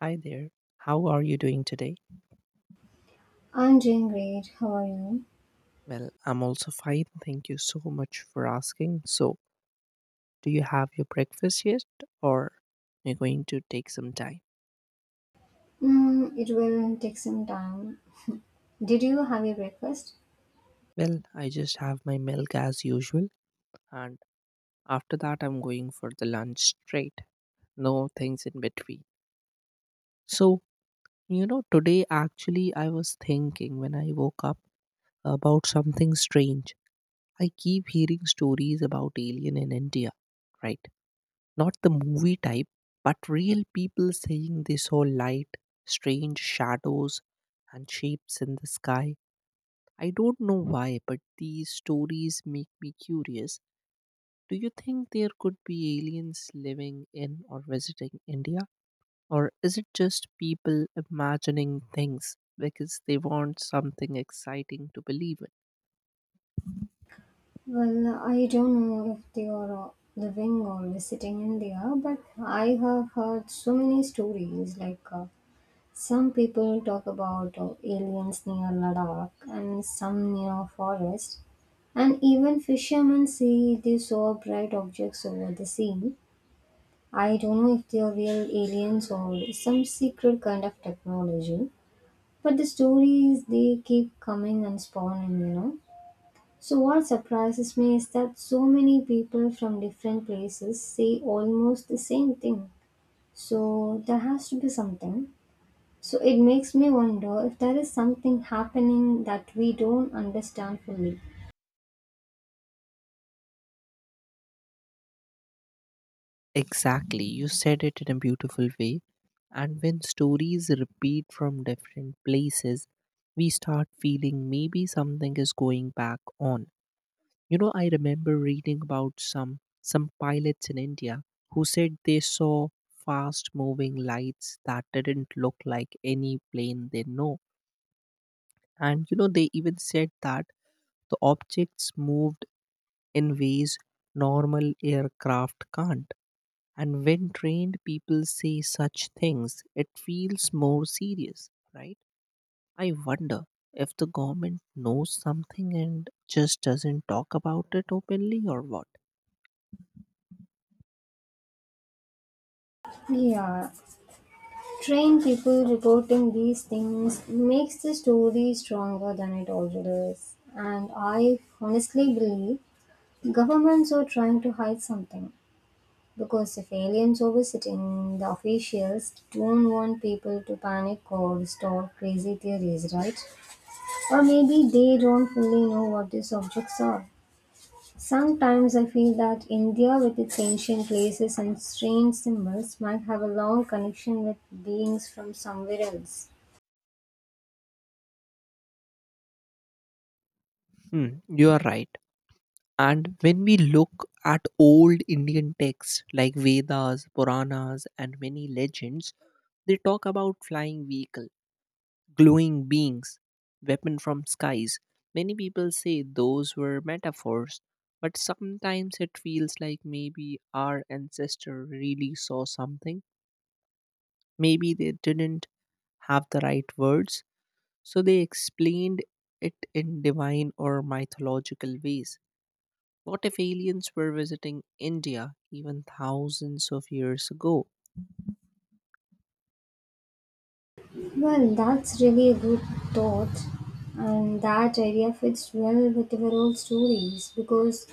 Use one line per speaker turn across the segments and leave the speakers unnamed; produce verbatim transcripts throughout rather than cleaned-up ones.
Hi there. How are you doing today?
I'm doing great. How are you?
Well, I'm also fine. Thank you so much for asking. So, do you have your breakfast yet, or you're going to take some time?
Mm, it will take some time. Did you have your breakfast?
Well, I just have my milk as usual, and after that I'm going for the lunch straight. No things in between. So, you know, Today actually I was thinking when I woke up about something strange. I keep hearing stories about alien in India, right? Not the movie type, but real people saying they saw light, strange shadows, and shapes in the sky. I don't know why, but these stories make me curious. Do you think there could be aliens living in or visiting India? Or is it just people imagining things because they want something exciting to believe in?
Well, I don't know if they are living or visiting India, but I have heard so many stories. Like uh, some people talk about uh, aliens near Ladakh and some near forest, and even fishermen say they saw bright objects over the sea. I don't know if they are real aliens or some secret kind of technology. But the stories they keep coming and spawning, you know. So what surprises me is that so many people from different places say almost the same thing. So there has to be something. So it makes me wonder if there is something happening that we don't understand fully.
Exactly, you said it in a beautiful way. And when stories repeat from different places, we start feeling maybe something is going back on. You know, I remember reading about some some pilots in India who said they saw fast moving lights that didn't look like any plane they know. And you know, they even said that the objects moved in ways normal aircraft can't. And when trained people say such things, it feels more serious, right? I wonder if the government knows something and just doesn't talk about it openly or what.
Yeah, trained people reporting these things makes the story stronger than it already is. And I honestly believe governments are trying to hide something. Because if aliens are visiting, the officials don't want people to panic or start crazy theories, right? Or maybe they don't fully know what these objects are. Sometimes I feel that India, with its ancient places and strange symbols, might have a long connection with beings from somewhere else.
Hmm, you are right. And when we look at old Indian texts like Vedas, Puranas, and many legends, they talk about flying vehicle, glowing beings, weapon from skies. Many people say those were metaphors, but sometimes it feels like maybe our ancestor really saw something. Maybe they didn't have the right words, so they explained it in divine or mythological ways. What if aliens were visiting India even thousands of years ago?
Well, that's really a good thought, and that idea fits well with our old stories because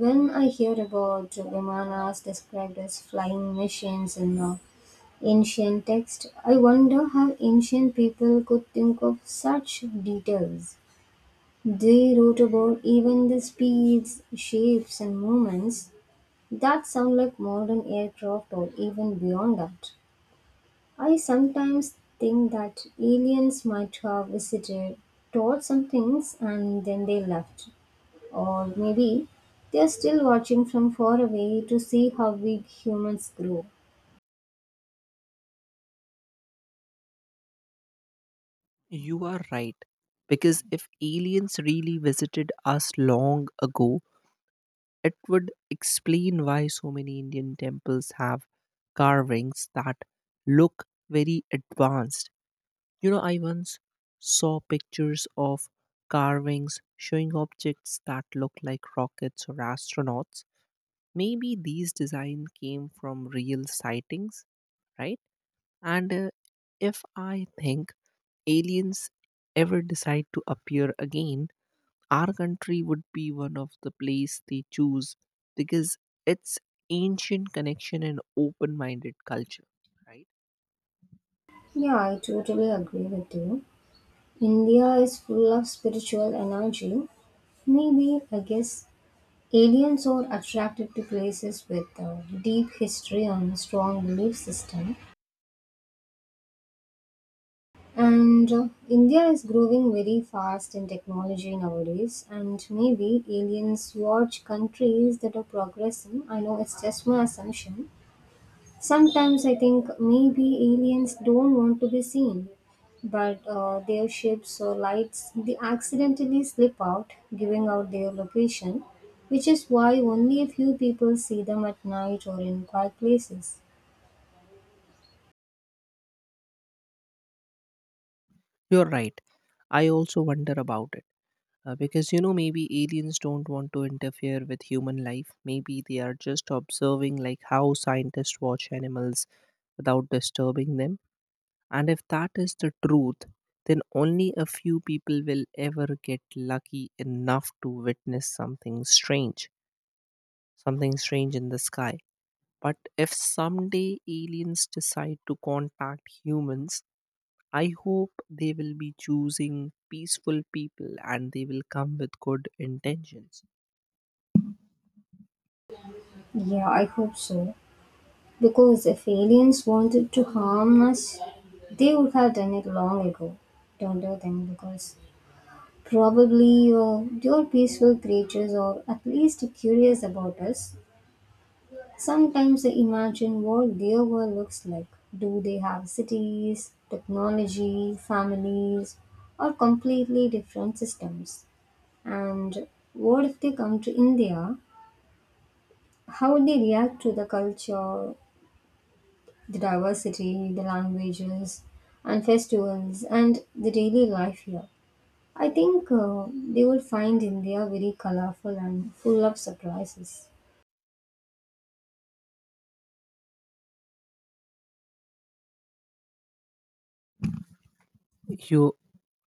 when I hear about vimanas described as flying machines in uh, ancient texts, I wonder how ancient people could think of such details. They wrote about even the speeds, shapes, and movements that sound like modern aircraft or even beyond that. I sometimes think that aliens might have visited, taught some things, and then they left, or maybe they're still watching from far away to see how we humans grow.
You are right. Because if aliens really visited us long ago, it would explain why so many Indian temples have carvings that look very advanced. You know, I once saw pictures of carvings showing objects that look like rockets or astronauts. Maybe these designs came from real sightings, right? And uh, If I think aliens ever decide to appear again, our country would be one of the place they choose, because it's ancient connection and open-minded culture, right?
Yeah, I totally agree with you. India is full of spiritual energy. Maybe, I guess, aliens are attracted to places with uh, deep history and strong belief system. And uh, India is growing very fast in technology nowadays. And maybe aliens watch countries that are progressing. I know it's just my assumption. Sometimes I think maybe aliens don't want to be seen, but uh, their ships or lights they accidentally slip out, giving out their location, which is why only a few people see them at night or in quiet places.
You're right. I also wonder about, Uh, because you know, maybe aliens don't want to interfere with human life. Maybe they are just observing, like how scientists watch animals without disturbing them. And if that is the truth, then only a few people will ever get lucky enough to witness something strange, something strange in the sky. But if someday aliens decide to contact humans, I hope they will be choosing peaceful people and they will come with good intentions.
Yeah, I hope so. Because if aliens wanted to harm us, they would have done it long ago. Don't you think? Because probably uh, they are peaceful creatures or at least curious about us. Sometimes I imagine what their world looks like. Do they have cities, technology, families, or completely different systems? And what if they come to India? How would they react to the culture, the diversity, the languages, and festivals, and the daily life here? I think uh, they would find India very colorful and full of surprises.
You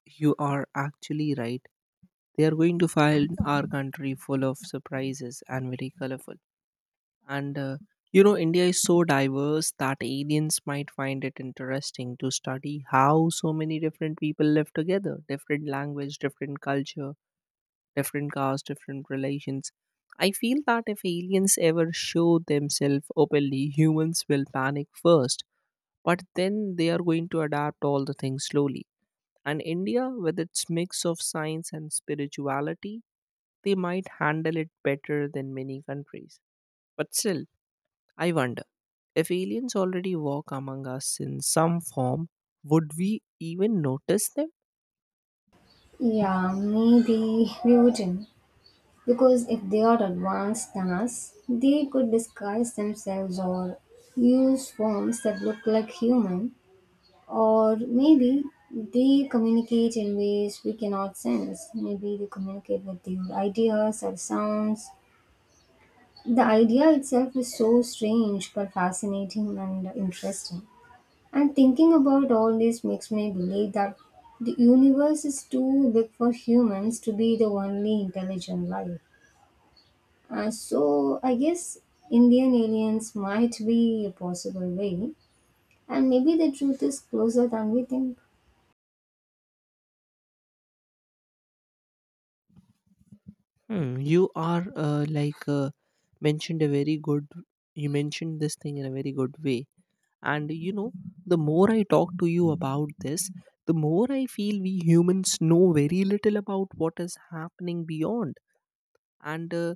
you are actually right. They are going to find our country full of surprises and very colorful. And uh, you know, India is so diverse that aliens might find it interesting to study how so many different people live together: different language, different culture, different caste, different relations. I feel that if aliens ever show themselves openly, humans will panic first, but then they are going to adapt all the things slowly, and India, with its mix of science and spirituality, they might handle it better than many countries. But still, I wonder if aliens already walk among us in some form, would we even notice them?
Yeah, maybe we wouldn't. Because if they are advanced than us, they could disguise themselves or use forms that look like human, or maybe they communicate in ways we cannot sense. Maybe they communicate with their ideas or sounds. The idea itself is so strange but fascinating and interesting. And thinking about all this makes me believe that the universe is too big for humans to be the only intelligent life. Uh, so I guess Indian aliens might be a possible way, and maybe the truth is closer than we think.
Hmm, you are uh, like uh, mentioned a very good. You mentioned this thing in a very good way. And you know, the more I talk to you about this, the more I feel we humans know very little about what is happening beyond. And uh,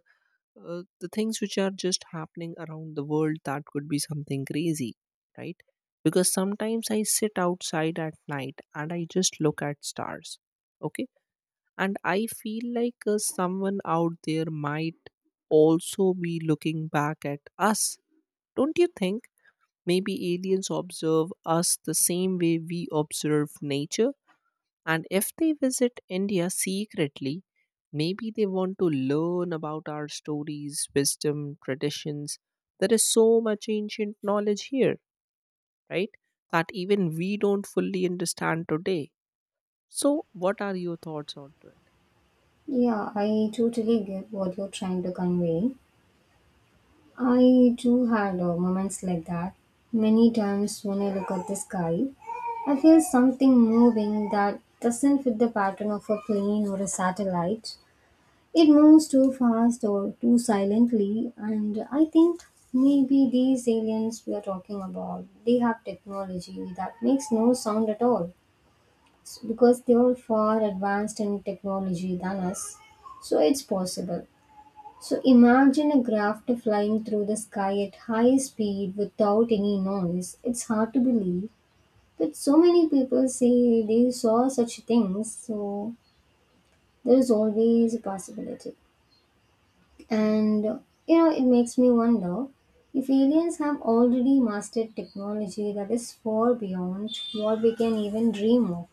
uh, the things which are just happening around the world, that could be something crazy, right? Because sometimes I sit outside at night and I just look at stars, okay, and I feel like uh, someone out there might also be looking back at us, don't you think? Maybe aliens observe us the same way we observe nature. And if they visit India secretly, maybe they want to learn about our stories, wisdom, traditions. There is so much ancient knowledge here, right? That even we don't fully understand today. So, what are your thoughts on it?
Yeah, I totally get what you're trying to convey. I too had uh, moments like that. Many times when I look at the sky, I feel something moving that doesn't fit the pattern of a plane or a satellite. It moves too fast or too silently, and I think maybe these aliens we are talking about, they have technology that makes no sound at all, S- because they are far advanced in technology than us. So it's possible. So imagine a craft flying through the sky at high speed without any noise. It's hard to believe. But so many people say they saw such things, so there is always a possibility. And you know, it makes me wonder if aliens have already mastered technology that is far beyond what we can even dream of.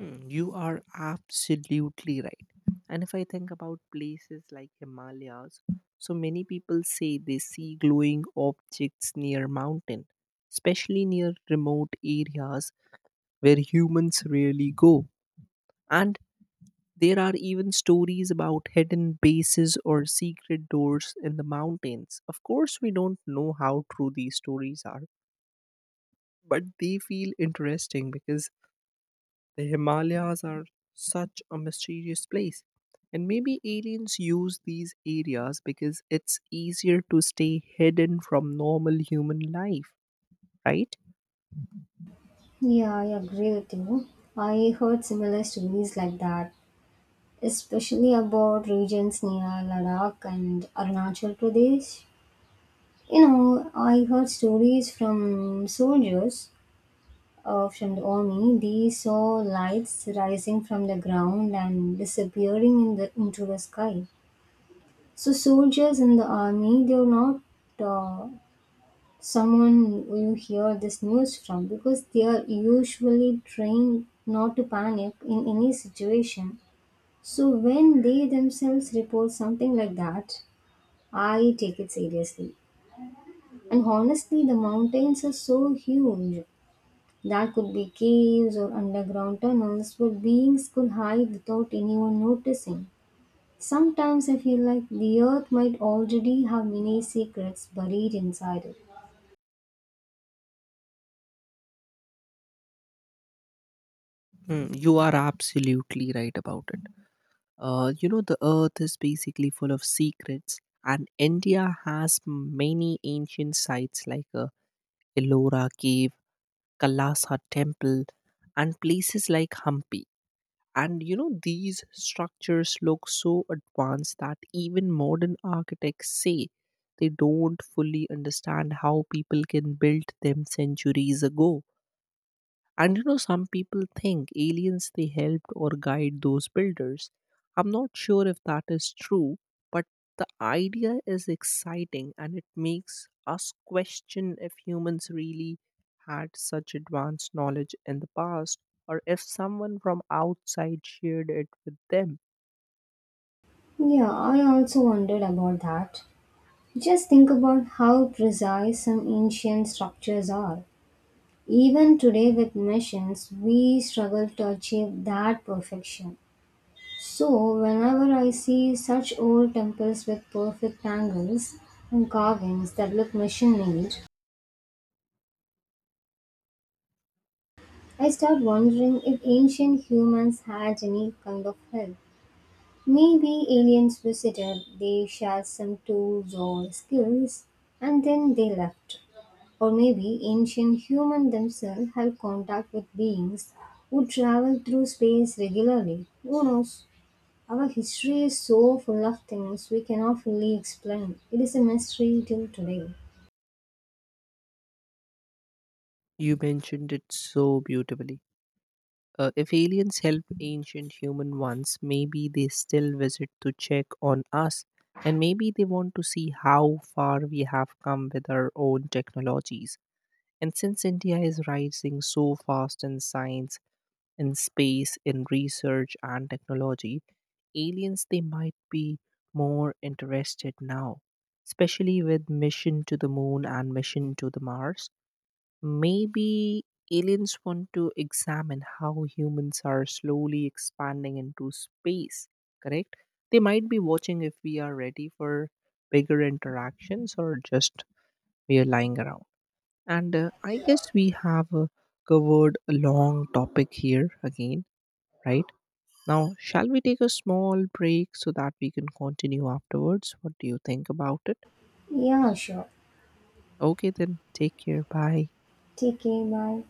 Mm, you are absolutely right. And if I think about places like Himalayas, so many people say they see glowing objects near mountain, especially near remote areas where humans rarely go. And there are even stories about hidden bases or secret doors in the mountains. Of course, we don't know how true these stories are, but they feel interesting because the Himalayas are such a mysterious place. And maybe aliens use these areas because it's easier to stay hidden from normal human life, right?
Yeah, I agree with you. I heard similar stories like that, especially about regions near Ladakh and Arunachal Pradesh. You know, I heard stories from soldiers uh, from the army. They saw lights rising from the ground and disappearing in the, into the sky. So soldiers in the army, they're not uh, someone you hear this news from because they are usually trained not to panic in any situation. So when they themselves report something like that, I take it seriously. And honestly, the mountains are so huge. That could be caves or underground tunnels where beings could hide without anyone noticing. Sometimes I feel like the earth might already have many secrets buried inside it.
Hmm, you are absolutely right about it. Uh, you know, the earth is basically full of secrets, and India has many ancient sites like uh, Ellora Cave, Kalasa Temple, and places like Hampi. And you know, these structures look so advanced that even modern architects say they don't fully understand how people can build them centuries ago. And you know, some people think aliens they helped or guide those builders. I'm not sure if that is true, but the idea is exciting, and it makes us question if humans really had such advanced knowledge in the past, or if someone from outside shared it with them.
Yeah, I also wondered about that. Just think about how precise some ancient structures are. Even today, with machines, we struggle to achieve that perfection. So, whenever I see such old temples with perfect angles and carvings that look machine made, I start wondering if ancient humans had any kind of help. Maybe aliens visited, they shared some tools or skills, and then they left. Or maybe ancient humans themselves had contact with beings who traveled through space regularly. Who knows? Our history is so full of things we cannot fully explain. It is a mystery till today.
You mentioned it so beautifully. Uh, if aliens helped ancient human once, maybe they still visit to check on us, and maybe they want to see how far we have come with our own technologies. And since India is rising so fast in science, in space, in research and technology, aliens they might be more interested now, especially with mission to the moon and mission to the Mars. Maybe aliens want to examine how humans are slowly expanding into space, correct? They might be watching if we are ready for bigger interactions, or just we are lying around. And uh, I guess we have uh, covered a long topic here again, right? Now, shall we take a small break so that we can continue afterwards? What do you think about it?
Yeah, sure.
Okay, then take care. Bye.
Take care. Bye.